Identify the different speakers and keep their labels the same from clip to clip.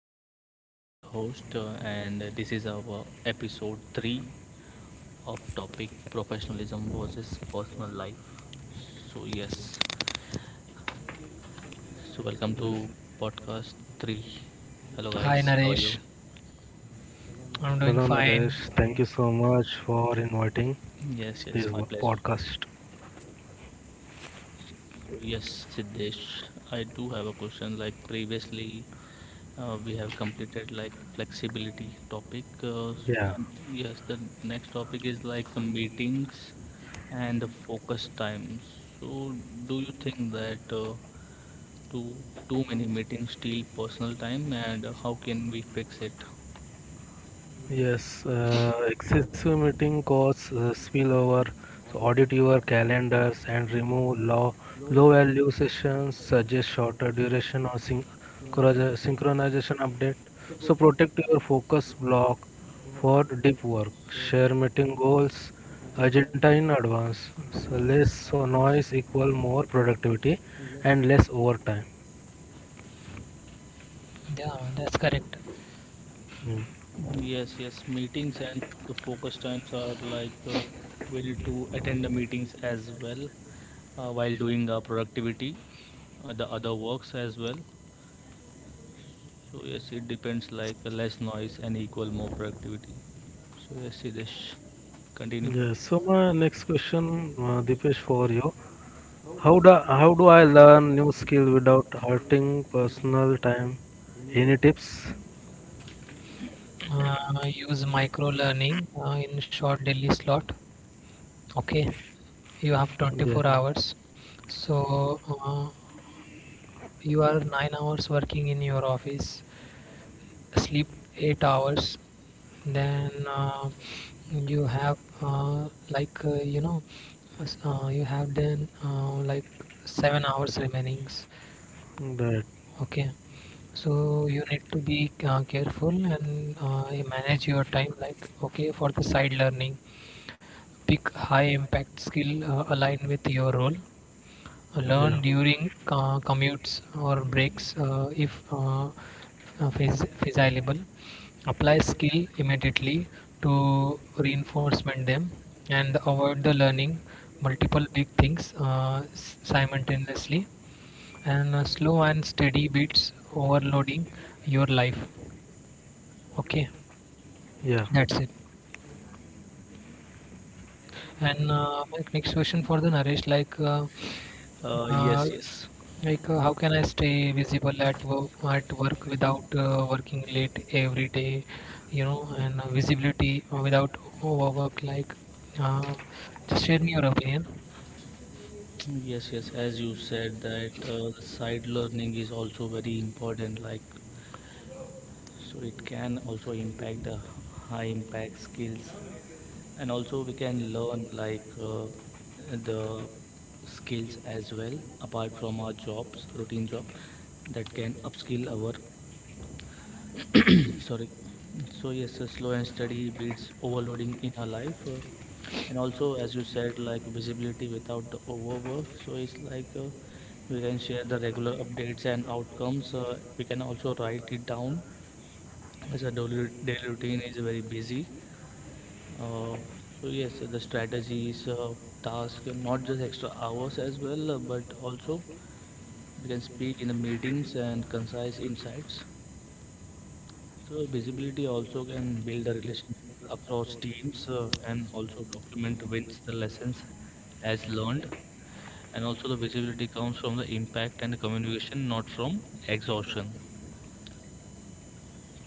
Speaker 1: Naresh, I'm your today's host, and this is our episode three of topic professionalism versus personal life. So yes, so welcome to
Speaker 2: Yes.
Speaker 1: podcast three. Hello
Speaker 3: Hi
Speaker 1: guys, how are
Speaker 3: Naresh,
Speaker 1: you?
Speaker 2: Hello,
Speaker 3: I'm doing
Speaker 2: Naresh. Thank you
Speaker 3: fine.
Speaker 2: so much for inviting
Speaker 1: Yes,
Speaker 2: this
Speaker 1: yes, my pleasure.
Speaker 2: podcast.
Speaker 1: Yes, Siddesh, I do have a question. Like previously, we have completed like flexibility topic. Yeah,
Speaker 2: Yeah.
Speaker 1: and yes, the next topic is like the meetings and the focus time. So, do you think that too too many meetings steal personal time, and how can we fix it?
Speaker 2: Yes, excessive meeting costs spillover. So audit your calendars and remove low value sessions. Suggest shorter duration or synchronization update. So protect your focus block for deep work. Share meeting goals agenda in advance. So less noise equal more productivity and less overtime.
Speaker 3: Yeah, that's correct.
Speaker 2: Mm.
Speaker 1: Yes, yes. Meetings and the focus times are like we need to attend the meetings as well while doing our productivity, the other works as well. So yes, it depends like less noise and equal more productivity. So yes, Sidesh, continue.
Speaker 2: Yes. So my next question, Dipesh, for you. How do I learn new skill without hurting personal time? Any tips?
Speaker 3: Uh, use micro learning in short daily slot. Okay, you have
Speaker 2: Yeah,
Speaker 3: 24 hours. So uh, you are 9 hours working in your office, sleep 8 hours, then you have you have then like 7 hours remainings.
Speaker 2: that
Speaker 3: Okay, so you need to be careful and manage your time. Like, okay, for the side learning, pick high impact skill aligned with your role, learn
Speaker 2: yeah,
Speaker 3: during commutes or breaks if feasible, apply skill immediately to reinforcement them, and avoid the learning multiple big things simultaneously, and slow and steady beats overloading your life. Okay,
Speaker 2: yeah,
Speaker 3: that's it. And my next question for the Naresh. like, uh,
Speaker 1: Uh, yes,
Speaker 3: uh,
Speaker 1: yes,
Speaker 3: like uh, how can I stay visible at work without working late every day, you know, and visibility without overwork? Like, uh, just share me your opinion.
Speaker 1: yes. As you said that the side learning is also very important. Like, so it can also impact the high impact skills, and also we can learn like the skills as well apart from our jobs routine job that can upskill our sorry. So yes, slow and steady beats overloading in our life, and also as you said, like visibility without the overwork, so it's like we can share the regular updates and outcomes. We can also write it down as a daily routine is very busy. Uh, so yes, the strategies, task, not just extra hours as well, but also we can speak in the meetings and concise insights. So visibility also can build a relationship across teams, and also document wins the lessons as learned. And also the visibility comes from the impact and the communication, not from exhaustion.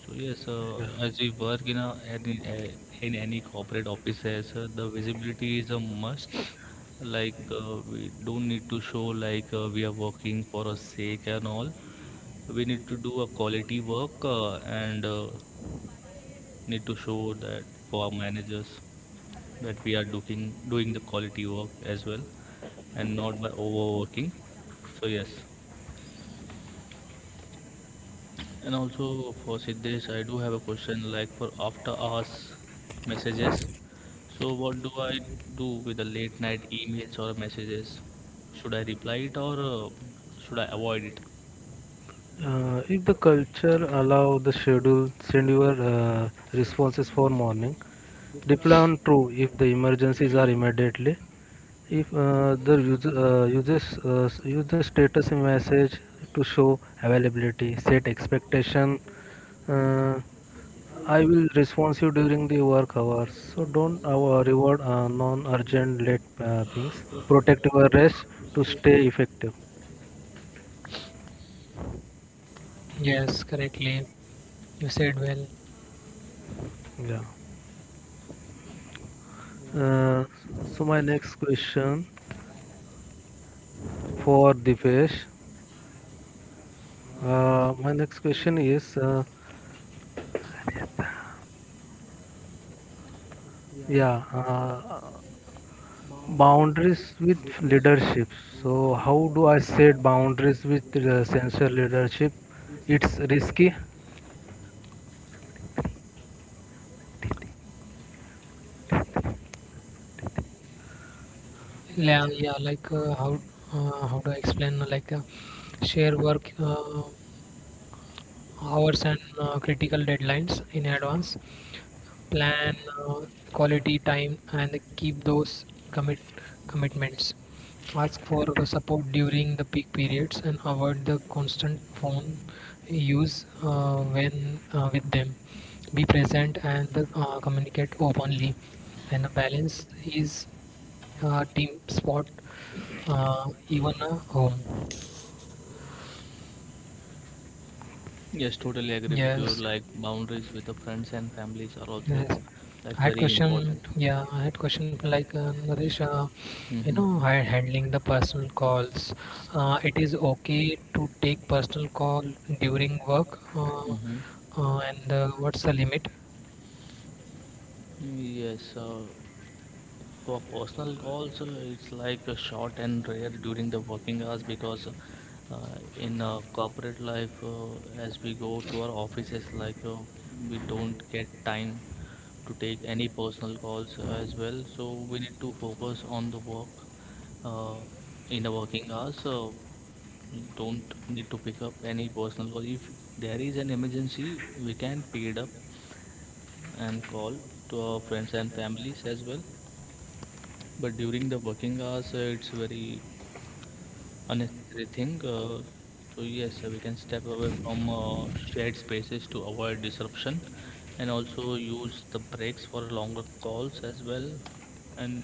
Speaker 1: So yes,
Speaker 2: yeah.
Speaker 1: as we work in a in, a- in any corporate offices, the visibility is a must. Like we don't need to show like we are working for a sake and all. We need to do a quality work, and need to show that for our managers that we are doing the quality work as well and not by overworking. So yes, and also for Siddesh, I do have a question like for after hours messages. So, what do I do with the late night emails or messages? Should I reply it, or should I avoid it?
Speaker 2: If the culture allow the schedule, send your responses for morning. Reply on true if the emergencies are immediately. If the use the status message to show availability, set expectation. Uh, I will respond you during the work hours. So don't reward non-urgent late pings. Protect your rest to stay effective.
Speaker 3: Yes, correctly. You said well.
Speaker 2: Yeah. Uh, so my next question for Dipesh. My next question is, yeah, uh, boundaries with leadership. So how do I set boundaries with sensor leadership? It's risky.
Speaker 3: Yeah, yeah. Like, how do I explain? Like, share work. Hours and critical deadlines in advance, plan uh, quality time and keep those commit commitments, ask for the support during the peak periods, and avoid the constant phone use when with them, be present and communicate openly, and the balance is team sport, even a home.
Speaker 1: Yes, totally agree with you.
Speaker 3: Yes.
Speaker 1: Like boundaries with the friends and families are also
Speaker 3: Yes.
Speaker 1: like
Speaker 3: I had
Speaker 1: very
Speaker 3: question,
Speaker 1: important.
Speaker 3: yeah, I had question, like Naresh, you
Speaker 1: Hmm.
Speaker 3: know, handling the personal calls. It is okay to take personal call during work, uh,
Speaker 1: Hmm.
Speaker 3: uh, and what's the limit?
Speaker 1: Yes. For personal calls, it's like short and rare during the working hours, because uh, in corporate life, as we go to our offices, like we don't get time to take any personal calls as well. So we need to focus on the work uh, in the working hours. So don't need to pick up any personal call. If there is an emergency, we can pick it up and call to our friends and families as well, but during the working hours, it's very unnecessary thing. So yes, we can step away from shared spaces to avoid disruption, and also use the breaks for longer calls as well. And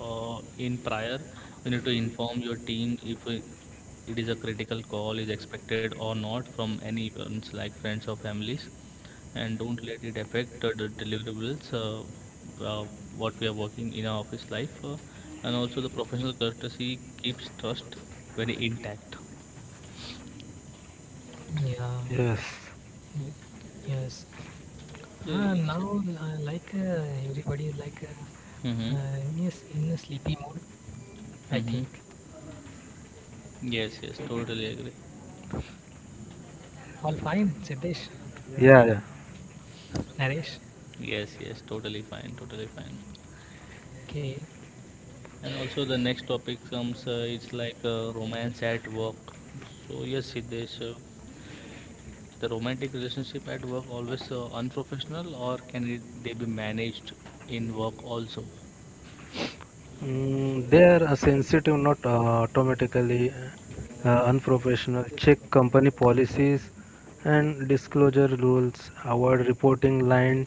Speaker 1: in prior, we need to inform your team if it is a critical call is expected or not from anyone's like friends or families, and don't let it affect the deliverables uh, what we are working in our office life, and also the professional courtesy keeps trust very intact.
Speaker 3: Yeah,
Speaker 2: Yes.
Speaker 3: y- yes. Now,
Speaker 1: Mm-hmm.
Speaker 3: uh, like everybody is like, yes, in a sleepy mood, I
Speaker 1: Mm-hmm.
Speaker 3: think.
Speaker 1: Yes, yes, totally agree.
Speaker 3: All fine, Siddesh,
Speaker 2: Yeah. Yeah.
Speaker 3: Naresh.
Speaker 1: Yes, yes, totally fine, totally fine.
Speaker 3: Okay.
Speaker 1: And also the next topic comes, it's like romance at work. So yes, Siddesh, the romantic relationship at work always unprofessional, or can it, they be managed in work also?
Speaker 2: Mm, they are sensitive, not automatically unprofessional. Check company policies and disclosure rules. Avoid reporting line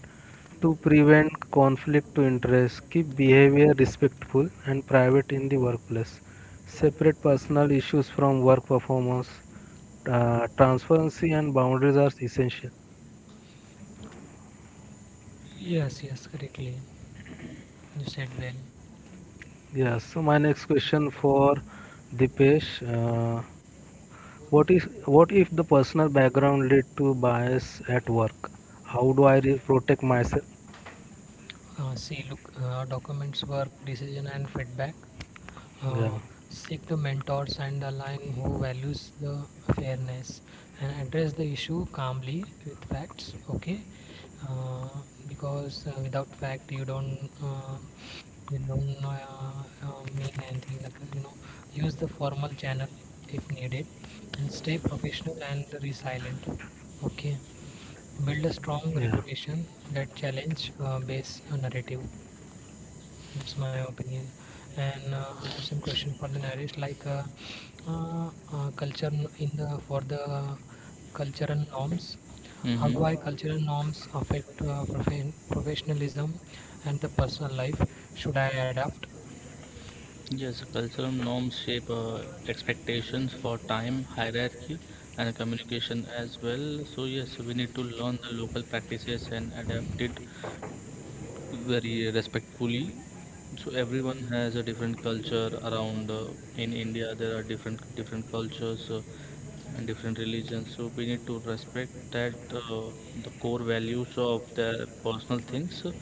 Speaker 2: to prevent conflict to interest. Keep behavior respectful and private in the workplace. Separate personal issues from work performance. Transparency and boundaries are essential.
Speaker 3: Yes, yes, correctly. You said well.
Speaker 2: Yeah, so my next question for Dipesh. What is what if the personal background lead to bias at work? How do I protect myself?
Speaker 3: See, look, documents, work, decision, and feedback. Uh,
Speaker 2: Yeah,
Speaker 3: seek the mentors and align who values the fairness, and address the issue calmly with facts. Okay, uh, because without fact you don't you don't mean anything. Like, you know, use the formal channel if needed, and stay professional and resilient. Okay, build a strong
Speaker 2: yeah,
Speaker 3: reputation that challenge base narrative. That's my opinion. And I have some question for the narrative, like, culture in the, for the cultural norms, how
Speaker 1: Hmm.
Speaker 3: do I cultural norms affect professionalism and the personal life? Should I adapt?
Speaker 1: Yes, cultural norms shape expectations for time, hierarchy, and communication as well. So, yes, we need to learn the local practices and adapt it very respectfully. So everyone has a different culture around. In India, there are different cultures and different religions. So we need to respect that, the core values of their personal things,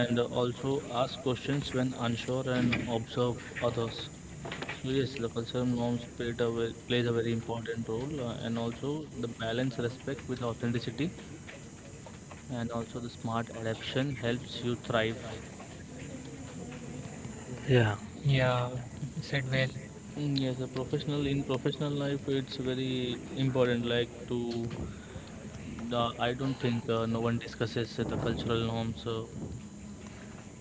Speaker 1: and also ask questions when unsure and observe others. So yes, the cultural norms plays a very important role, and also the balance respect with authenticity, and also the smart adaptation helps you thrive.
Speaker 2: yeah.
Speaker 3: Yeah, said well.
Speaker 1: Mm, yes, a professional life, it's very important. Like to, the I don't think no one discusses the cultural norms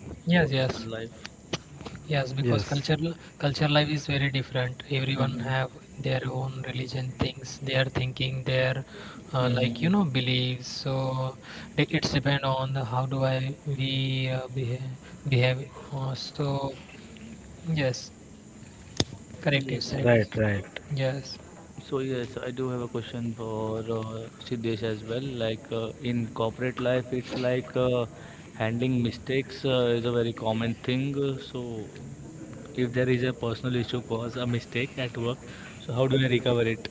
Speaker 1: in
Speaker 3: Yes,
Speaker 1: professional
Speaker 3: yes,
Speaker 1: life.
Speaker 3: yes. Because
Speaker 2: Yes,
Speaker 3: cultural culture life is very different. Everyone
Speaker 1: Hmm.
Speaker 3: have their own religion things, their thinking, their like you
Speaker 1: Hmm.
Speaker 3: know, beliefs. So it's depend on the, how do I, we behave, behave. So yes, correct you
Speaker 1: Yes,
Speaker 3: said.
Speaker 1: yes.
Speaker 2: right, right.
Speaker 3: Yes,
Speaker 1: So yes, I do have a question for Siddesh as well. Like in corporate life, it's like handling mistakes is a very common thing. So if there is a personal issue cause a mistake at work, so how do I recover it?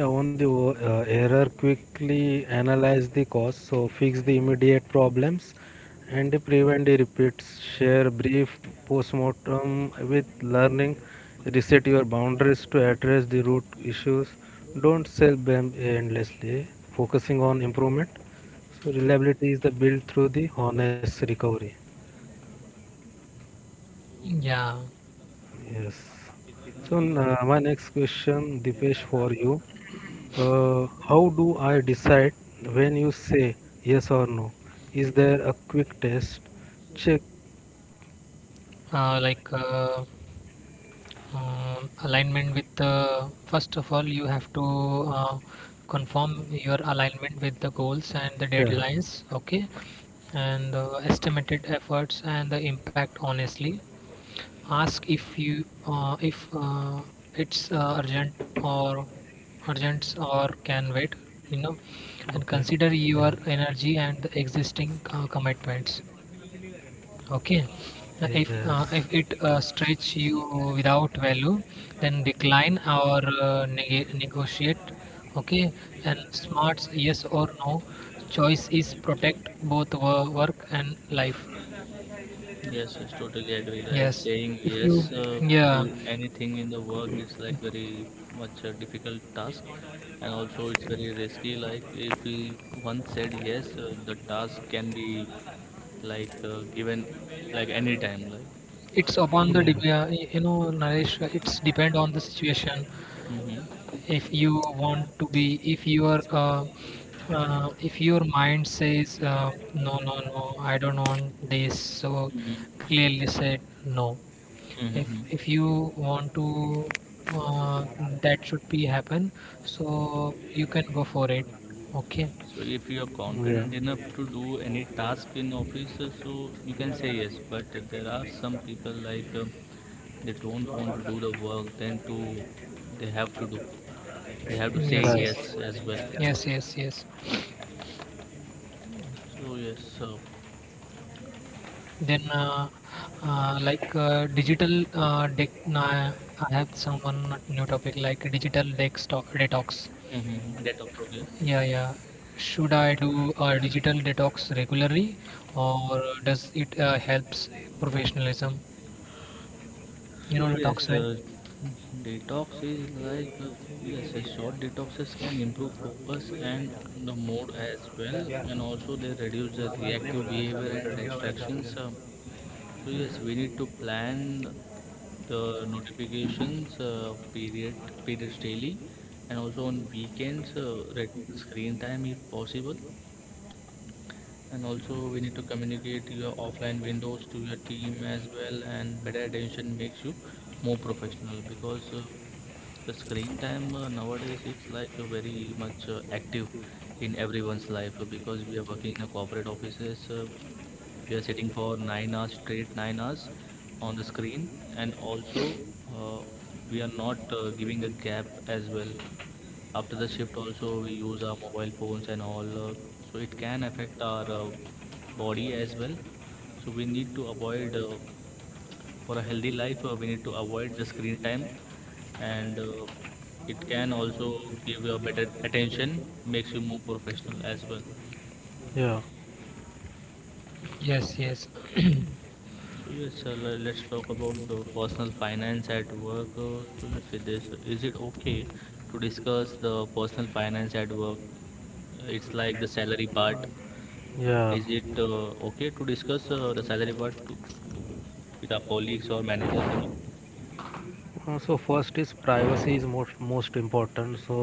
Speaker 2: Yeah, on the error, quickly analyze the cause, so fix the immediate problems and prevent the repeats. Share brief postmortem with learning. Reset your boundaries to address the root issues. Don't sell them endlessly, focusing on improvement. So, reliability is the built through the honest recovery.
Speaker 3: yeah.
Speaker 2: Yes. So, my next question, Dipesh, for you. How do I decide when you say yes or no? Is there a quick test? Check.
Speaker 3: Uh, like uh, alignment with the, first of all you have to uh, confirm your alignment with the goals and the
Speaker 2: Yeah.
Speaker 3: deadlines, okay, and the estimated efforts and the impact honestly. Ask if you if it's urgent or urgent or can wait, you know, and
Speaker 2: Okay.
Speaker 3: consider
Speaker 2: Yeah.
Speaker 3: your energy and the existing commitments. Okay,
Speaker 2: Yes.
Speaker 3: if it stretch you without value, then decline or negotiate. Okay, and smarts yes or no. Choice is protect both work and life.
Speaker 1: Yes, yes, totally agree. Like
Speaker 3: Yes,
Speaker 1: saying
Speaker 3: if you
Speaker 1: yes to
Speaker 3: yeah,
Speaker 1: anything in the work is like very much a difficult task, and also it's very risky. Like if we once said yes, the task can be like given like any time. Like,
Speaker 3: it's upon the
Speaker 2: Yeah.
Speaker 3: you know, Naresh. It's depend on the situation.
Speaker 1: hmm.
Speaker 3: If you want to be, if your uh, if your mind says no no no, I don't want this, so
Speaker 1: Hmm.
Speaker 3: clearly said no. if
Speaker 1: Hmm.
Speaker 3: if you want to uh, that should be happen, so you can go for it. Okay.
Speaker 1: So if you are
Speaker 2: Yeah.
Speaker 1: confident enough to do any task in office, so you can say yes. But there are some people like they don't want to do the work, then to they have to do. They have to say
Speaker 3: Yes yes
Speaker 1: yes
Speaker 2: Right.
Speaker 1: as well.
Speaker 3: yes yes yes.
Speaker 1: So yes, so
Speaker 3: Then, digital no, I have someone, new topic, like digital desktop detox.
Speaker 1: mm-hmm. That also okay.
Speaker 3: Yeah, yeah. Should I do a digital detox regularly, or does it helps professionalism? You
Speaker 1: So
Speaker 3: know
Speaker 1: yes,
Speaker 3: detox, right?
Speaker 1: detox is like yes, short detoxes can improve focus and the mood as well, and also they reduce the reactive behavior and distractions. So yes, we need to plan the notifications periods daily, and also on weekends reduce the screen time if possible, and also we need to communicate your offline windows to your team as well, and better attention makes you more professional, because the screen time nowadays, it's like very much active in everyone's life, because we are working in a corporate offices, we are sitting for 9 hours, straight 9 hours on the screen, and also uh, we are not giving a gap as well. After the shift also, we use our mobile phones and all, so it can affect our body as well. So we need to avoid, for a healthy life, we need to avoid the screen time, and it can also give you a better attention, makes you more professional as well.
Speaker 2: Yeah.
Speaker 3: Yes, yes.
Speaker 1: So yes, let's talk about the personal finance at work. So yes, is it okay to discuss the personal finance at work? It's like the salary part.
Speaker 2: Yeah.
Speaker 1: Is it okay to discuss the salary part to, with our colleagues or managers and all?
Speaker 2: So first is privacy is most important. So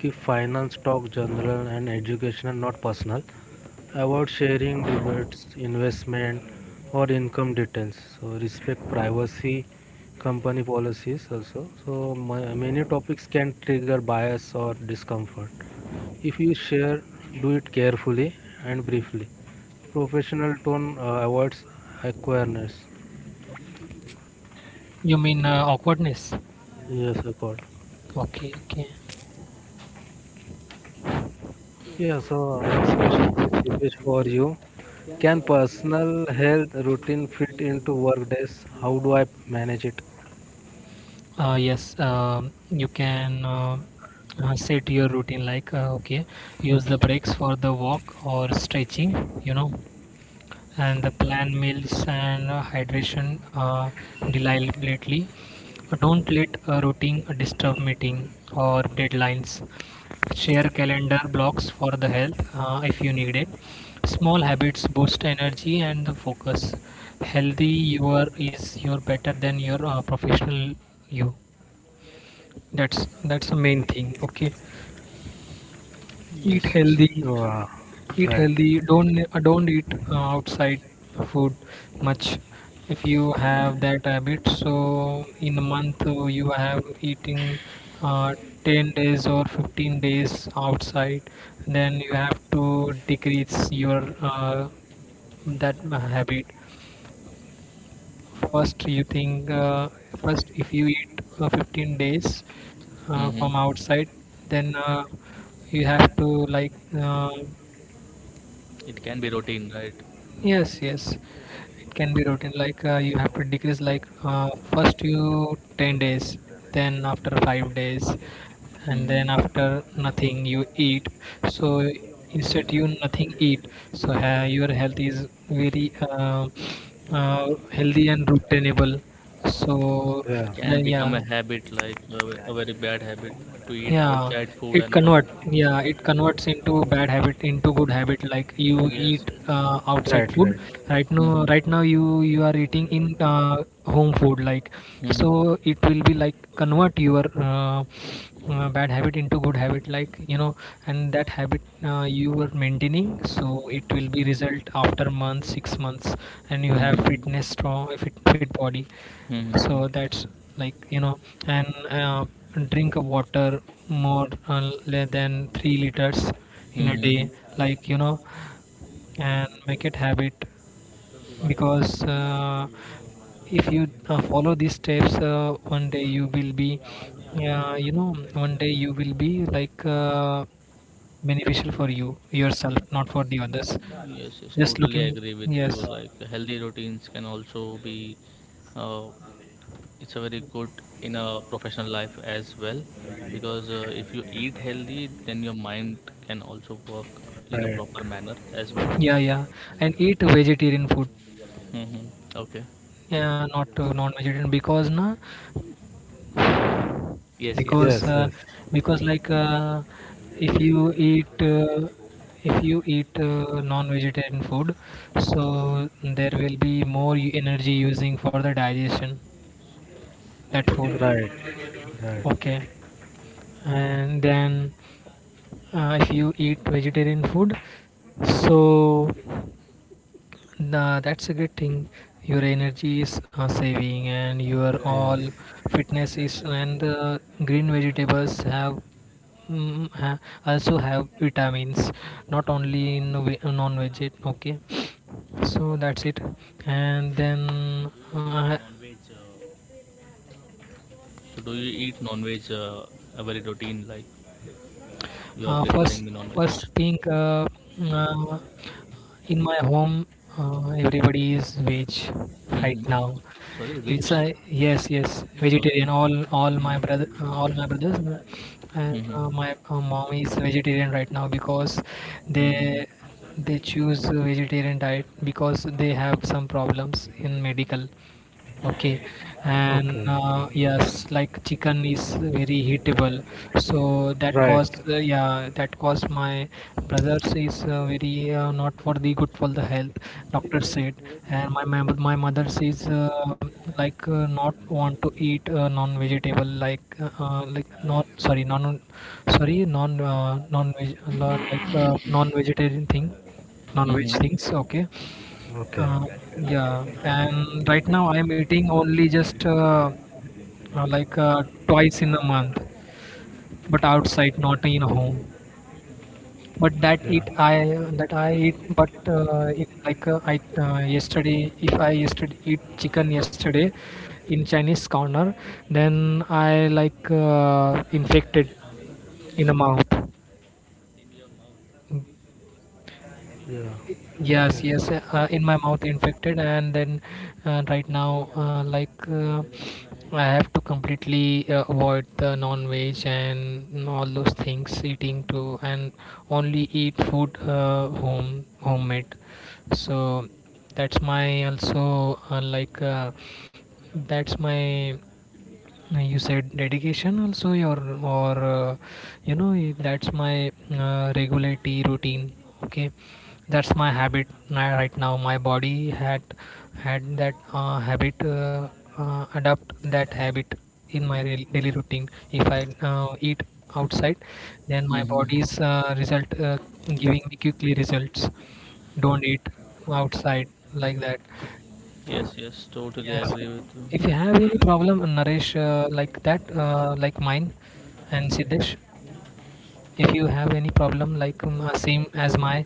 Speaker 2: keep finance talk general and educational, not personal. Avoid sharing debates, investment, or income details. So respect privacy, company policies also. So many topics can trigger bias or discomfort. If you share, do it carefully and briefly. Professional tone avoids awkwardness.
Speaker 3: You mean awkwardness?
Speaker 2: Yes, accord.
Speaker 3: Okay, okay.
Speaker 2: Yeah, so next question is Dipesh for you. Can personal health routine fit into work days? How do I manage it?
Speaker 3: Yes, you can set your routine like, okay, use the breaks for the walk or stretching, you know, and the plan meals and hydration deliberately. Don't let a routine disturb meeting or deadlines. Share calendar blocks for the health if you need it. Small habits boost energy and the focus. Healthy you are is your better than your professional you. That's the main thing. Okay, eat
Speaker 1: Yes, yes.
Speaker 3: healthy,
Speaker 2: Wow.
Speaker 3: eat
Speaker 2: Right.
Speaker 3: healthy, don't eat outside food much. If you have that habit, so in a month, you have eating uh, 10 days or 15 days outside, then you have to decrease your that habit. First you think, first if you eat 15 days from
Speaker 1: Hmm.
Speaker 3: outside, then you have to, like,
Speaker 1: It can be routine, right?
Speaker 3: Yes, yes. It can be routine, like, you have to decrease, like first you 10 days, then after 5 days, and
Speaker 1: Hmm.
Speaker 3: then after nothing you eat. So instead you nothing eat. So your health is very healthy and routinable. So
Speaker 2: Yeah.
Speaker 1: It can
Speaker 3: then
Speaker 1: become
Speaker 3: yeah.
Speaker 1: a habit, like a, a very bad habit to eat
Speaker 3: Yeah,
Speaker 1: outside food
Speaker 3: it
Speaker 1: and all.
Speaker 3: convert, yeah, it converts into bad habit into good habit. Like you
Speaker 1: Yes,
Speaker 3: eat
Speaker 1: yes.
Speaker 3: outside
Speaker 2: Right,
Speaker 3: food,
Speaker 2: right,
Speaker 3: right now
Speaker 1: Hmm.
Speaker 3: right now you you are eating in home food, like. So
Speaker 1: Hmm.
Speaker 3: it will be like convert your bad habit into good habit, like you know. And that habit you were maintaining, so it will be result after month 6 months, and you have fitness strong fit, fit body.
Speaker 1: Hmm.
Speaker 3: So
Speaker 1: Hmm.
Speaker 3: that's like you know. And drink of water more than 3 liters in a day,
Speaker 1: Hmm.
Speaker 3: like you know. And make it habit, because if you follow these steps, one day you will be you know, one day you will be like beneficial for you yourself, not for the others.
Speaker 1: Yes, yes,
Speaker 3: Just
Speaker 1: totally
Speaker 3: looking.
Speaker 1: agree with you.
Speaker 3: Yes,
Speaker 1: Like healthy routines can also be, uh, it's a very good in a professional life as well, because if you eat healthy, then your mind can also work
Speaker 2: right.
Speaker 1: in a proper manner as well.
Speaker 3: yeah, yeah. And eat vegetarian food,
Speaker 1: Hmm. Okay.
Speaker 3: yeah, not non-vegetarian. Because na,
Speaker 1: Yes, yes.
Speaker 2: Yes,
Speaker 3: because
Speaker 2: yes.
Speaker 3: uh, because like if you eat uh, if you eat non-vegetarian food, so there will be more energy using for the digestion that food.
Speaker 2: Right. Right.
Speaker 3: Okay. And then if you eat vegetarian food, so nah, that's a great thing. Your energy is saving, and your
Speaker 2: Yes.
Speaker 3: all fitness is, and the green vegetables have mm, ha- also have vitamins, not only in non-veg. Okay, so that's it. And then uh,
Speaker 1: So do you eat non-veg, a very routine like you are preferring
Speaker 3: first,
Speaker 1: the non-veg?
Speaker 3: first thing. Uh, in my home, everybody is veg right
Speaker 1: Hmm.
Speaker 3: now,
Speaker 1: Sorry,
Speaker 3: inside,
Speaker 1: rich.
Speaker 3: yes yes vegetarian, all
Speaker 1: Okay.
Speaker 3: all my brother, all my brothers, and
Speaker 1: Hmm.
Speaker 3: my mom is vegetarian right now, because they
Speaker 1: Hmm.
Speaker 3: they choose a vegetarian diet because they have some problems in medical. Okay, and
Speaker 2: Okay.
Speaker 3: yes, like chicken is very heatable, so that
Speaker 2: Right.
Speaker 3: cause yeah, that cause my brothers is very not for the good for the health, doctor said. And my mother says like not want to eat non vegetable, like non, sorry, non, sorry, non veg, like non vegetarian thing, non veg
Speaker 1: Hmm.
Speaker 3: things, okay. uh,
Speaker 2: Okay.
Speaker 3: yeah, and right now I am eating only just uh, like uh, twice in a month, but outside, not in home. But that
Speaker 2: Yeah.
Speaker 3: eat I, that I eat, but in, like I yesterday, if I yesterday eat chicken yesterday in Chinese corner, then I like infected in the mouth.
Speaker 2: Yeah.
Speaker 3: Yes,
Speaker 2: Yeah.
Speaker 3: yes, in my mouth infected, and then right now, like I have to completely avoid the non-veg and all those things eating too, and only eat food homemade. So that's my also like, that's my, no, you said dedication also your or you know, that's my regular tea routine. Okay, that's my habit, right now my body had, had that habit, adapt that habit in my daily routine. If I eat outside, then my
Speaker 1: Hmm.
Speaker 3: body's result giving me quickly results. Don't eat outside, like that.
Speaker 1: Yes, yes, totally
Speaker 3: Yes.
Speaker 1: agree
Speaker 3: If you
Speaker 1: with
Speaker 3: have any problem, Naresh, like that, like mine, and Siddesh, if you have any problem, like same as my,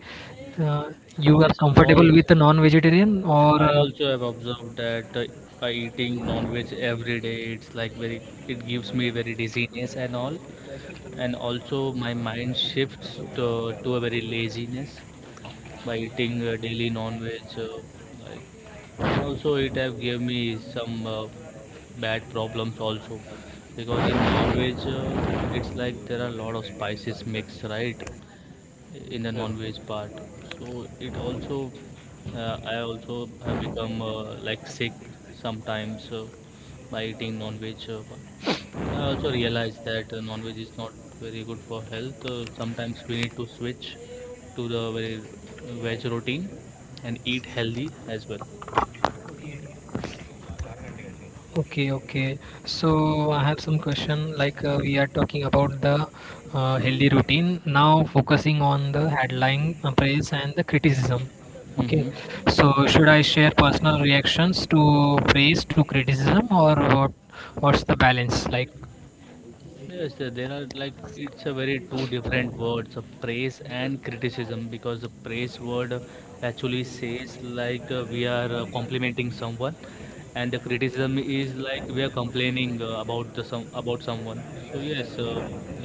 Speaker 3: uh,
Speaker 1: you.
Speaker 3: you are
Speaker 1: Yes, all.
Speaker 3: comfortable with a non-vegetarian or
Speaker 1: I also have observed that by eating non-veg every day, it gives me very dizziness and all, and also my mind shifts to a very laziness by eating daily non-veg, uh, like, and also it have gave me some bad problems also, because in non-veg, it's like there are a lot of spices mixed, right? In
Speaker 2: Yeah.
Speaker 1: the non-veg part, so it also, I also have become like sick sometimes by eating non-veg part. So I also realized that non-veg is not very good for health. Sometimes we need to switch to the very veg routine and eat healthy as well.
Speaker 3: Okay, okay. So I have some question. Like we are talking about the healthy routine now, focusing on the headline, praise and the criticism. Okay.
Speaker 1: Hmm.
Speaker 3: So should I share personal reactions to praise to criticism or what? What's the balance like?
Speaker 1: Yes, there are like it's a very two different words, praise and criticism, because the praise word actually says like we are complimenting someone, and the criticism is like we are complaining about someone. So yes,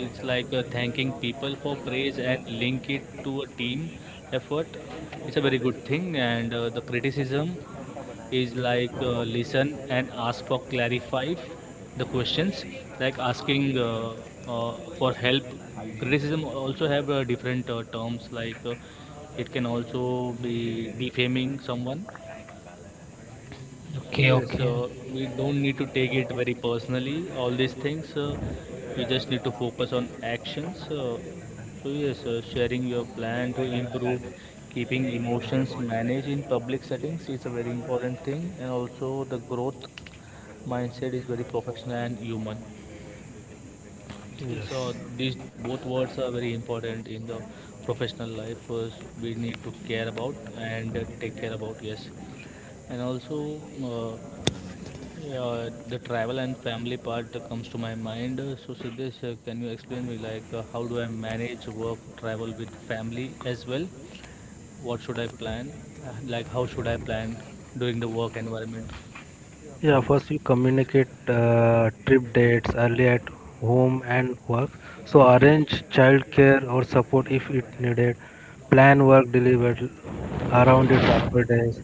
Speaker 1: it's like thanking people for praise and link it to a team effort. It's a very good thing, and the criticism is like listen and ask for clarify the questions, like asking for help. Criticism also have different terms like it can also be defaming someone.
Speaker 3: Okay,
Speaker 1: Yes,
Speaker 3: okay.
Speaker 1: we don't need to take it very personally, all these things. We just need to focus on actions. So, yes, sharing your plan to improve, keeping emotions managed in public settings is a very important thing, and also the growth mindset is very professional and human. So,
Speaker 2: Yes.
Speaker 1: so these both words are very important in the professional life. We need to care about and take care about, yes. And also, yeah, the travel and family part comes to my mind. So, Siddesh, can you explain me like how do I manage work travel with family as well? What should I plan? Like how should I plan during the work environment?
Speaker 2: Yeah, first you communicate trip dates early at home and work. So arrange childcare or support if it needed. Plan work delivered around the travel days.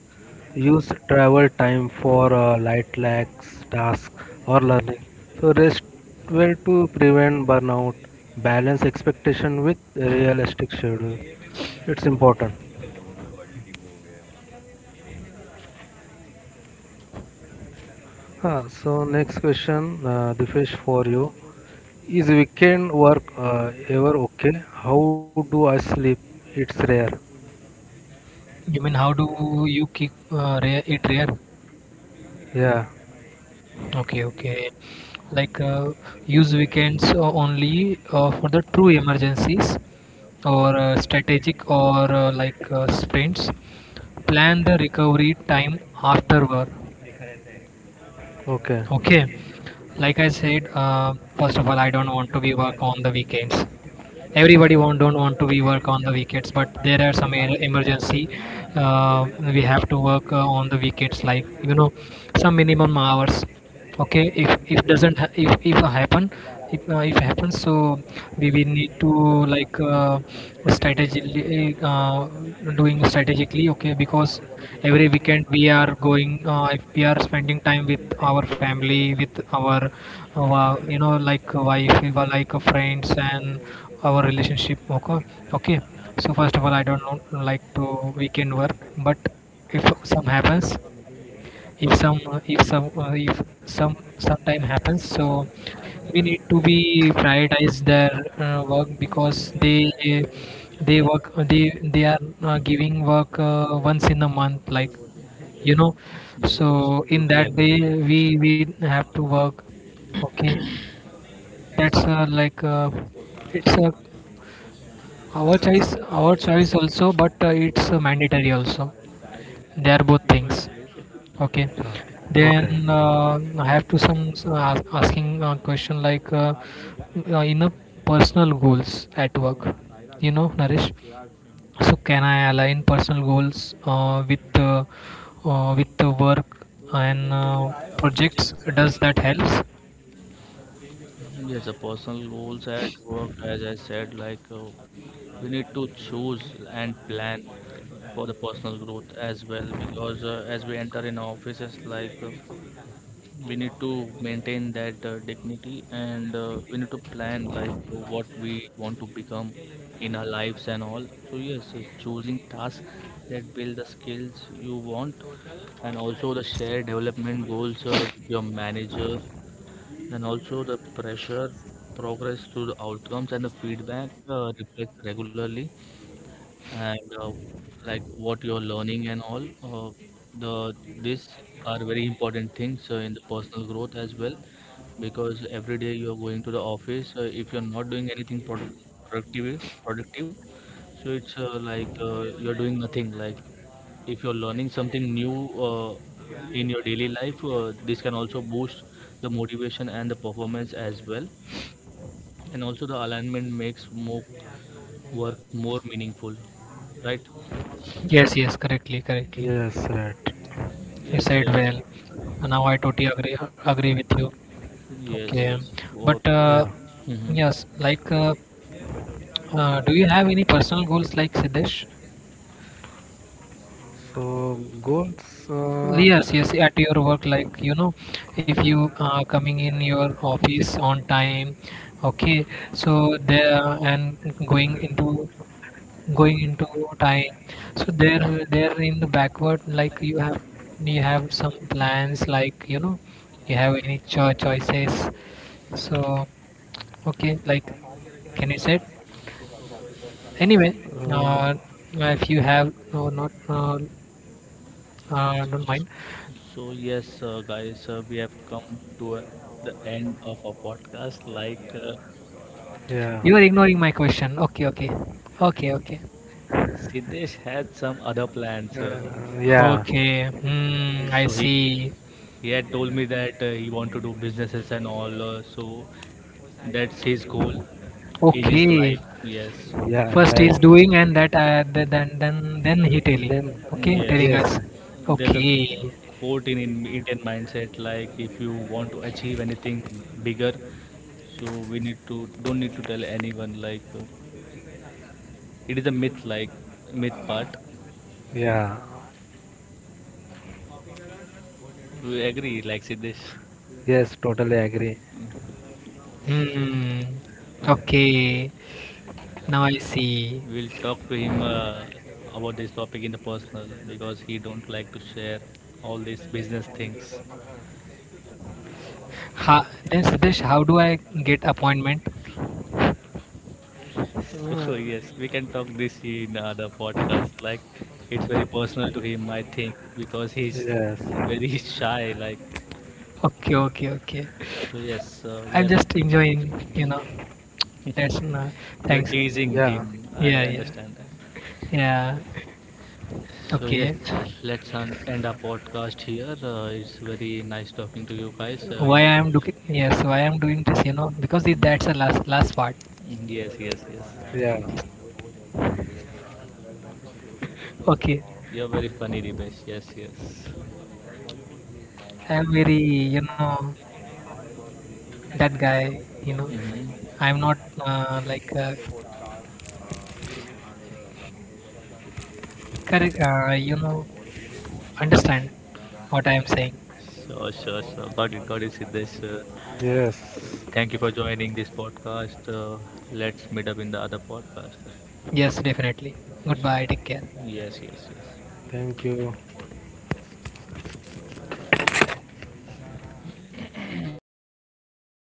Speaker 2: Use travel time for light lags, tasks or learning. So rest well to prevent burnout. Balance expectation with realistic schedule. It's important. Ah, so next question, Dipesh, for you. Is weekend work ever okay? How do I sleep? It's rare.
Speaker 3: You mean how do you keep rare, it rare?
Speaker 2: Yeah.
Speaker 3: Okay, okay. Like use weekends only for the true emergencies or strategic or like sprints. Plan the recovery time after work.
Speaker 2: Okay.
Speaker 3: Okay. Like I said, first of all, I don't want to be work on the weekends. Everybody won't, don't want to be work on the weekends, but there are some emergency. We have to work on the weekends, like you know, some minimum hours. Okay, if doesn't ha- if happen, if happens, so we will need to, like strategically, doing strategically. Okay, because every weekend we are going, if we are spending time with our family, with our you know, like wife, we were like friends and our relationship, okay okay. So first of all I don't know, like, to weekend work, but if some happens, if some sometime happens, so we need to be prioritize their work, because they work, they are giving work once in a month, like you know.
Speaker 1: Yes,
Speaker 3: So in
Speaker 1: totally
Speaker 3: that
Speaker 1: agree
Speaker 3: day
Speaker 1: with you.
Speaker 3: we have to work. Okay. That's like, it's our choice, our choice also, but it's mandatory also. They are both things. Okay.
Speaker 2: Sorry.
Speaker 3: Then
Speaker 2: Okay.
Speaker 3: I have to some ask, asking question like, in the personal goals at work. You know, Naresh. So can I align personal goals with the work and projects? Does that helps?
Speaker 1: Yes, the personal goals at work, as I said, like we need to choose and plan for the personal growth as well, because as we enter in offices, like we need to maintain that dignity, and we need to plan like what we want to become in our lives and all. So yes, choosing tasks that build the skills you want, and also the shared development goals with your manager, and also the pressure progress through the outcomes and the feedback, reflects regularly, and like what you're learning and all, the this are very important things in the personal growth as well, because every day you're going to the office. If you're not doing anything productive, so it's like you're doing nothing. Like if you're learning something new in your daily life, this can also boost the motivation and the performance as well, and also the alignment makes more work more meaningful, right?
Speaker 3: Yes, yes, correctly, correctly.
Speaker 2: Yes, right.
Speaker 3: You
Speaker 1: Yes,
Speaker 3: said well. Now I totally agree with you.
Speaker 1: yes,
Speaker 3: Okay,
Speaker 1: yes.
Speaker 3: but
Speaker 1: For
Speaker 2: Yeah.
Speaker 1: Mhm.
Speaker 3: yes, like. Do you have any personal goals, like Siddesh?
Speaker 2: So goals.
Speaker 3: Yes, yes, at your work, like you know, if you coming in your office on time, okay, so there, and going into going into time, so there in the backward, like you have, you have some plans, like you know, you have any choices, so okay, like, can you say it? anyway
Speaker 2: Uh,
Speaker 3: uh, if you have no not don't mind.
Speaker 1: So yes, guys, we have come to the end of our podcast. Like
Speaker 2: yeah.
Speaker 3: You are ignoring my question. Okay, okay. Okay, okay.
Speaker 1: Siddesh had some other plans, uh,
Speaker 2: Yeah.
Speaker 3: Okay. Hmm, I
Speaker 1: so he
Speaker 3: see.
Speaker 1: he had told me that he want to do businesses and all. So that's his goal in his
Speaker 3: Okay.
Speaker 1: life. Yes.
Speaker 2: Yeah.
Speaker 3: First
Speaker 2: Right.
Speaker 3: is doing, and that then he telling.
Speaker 2: Then.
Speaker 3: Okay,
Speaker 1: Yes,
Speaker 3: telling
Speaker 2: Yes.
Speaker 1: yes.
Speaker 3: us.
Speaker 1: There's a
Speaker 3: Okay.
Speaker 1: quote in Indian mindset, like if you want to achieve anything bigger, so we need to don't need to tell anyone. Like it is a myth, like myth part.
Speaker 2: Yeah.
Speaker 1: We agree, like Siddesh.
Speaker 2: Yes. Totally agree.
Speaker 3: Hmm. Okay. Now I see.
Speaker 1: We'll talk to him about this topic in the personal, because he don't like to share all these business things.
Speaker 3: Ha, then Siddesh, how do I get appointment?
Speaker 2: Uh,
Speaker 1: So yes, we can talk this in the podcast. Like it's very personal to him, I think, because he's
Speaker 2: yes.
Speaker 1: very shy. Like
Speaker 3: Okay, okay, okay.
Speaker 1: so, yes, we
Speaker 3: I'm
Speaker 1: are
Speaker 3: just enjoying, you know. That's no,
Speaker 1: you're
Speaker 3: thanks.
Speaker 1: teasing
Speaker 2: Yeah.
Speaker 1: him.
Speaker 3: Yeah,
Speaker 1: I
Speaker 3: yeah,
Speaker 1: understand that.
Speaker 3: yeah.
Speaker 1: So yes,
Speaker 3: Okay.
Speaker 1: end our podcast here. It's very nice talking to you guys
Speaker 3: Why
Speaker 1: about.
Speaker 3: I am doing, yes, why I am doing this you, because it, that's the last part.
Speaker 1: Yes, yes, yes.
Speaker 2: Yeah.
Speaker 3: Okay,
Speaker 1: You're very funny, Dipesh. Yes, yes.
Speaker 3: I am very, you know, that guy, you know,
Speaker 1: Hmm.
Speaker 3: I am not like correct you know, understand what I am saying.
Speaker 1: Sure, sure, sure. Got it, Siddesh.
Speaker 2: Yes.
Speaker 1: Thank you for joining this podcast. Let's meet up in the other podcast.
Speaker 3: Yes, definitely. Goodbye, take care.
Speaker 1: Yes, yes, yes.
Speaker 2: Thank you.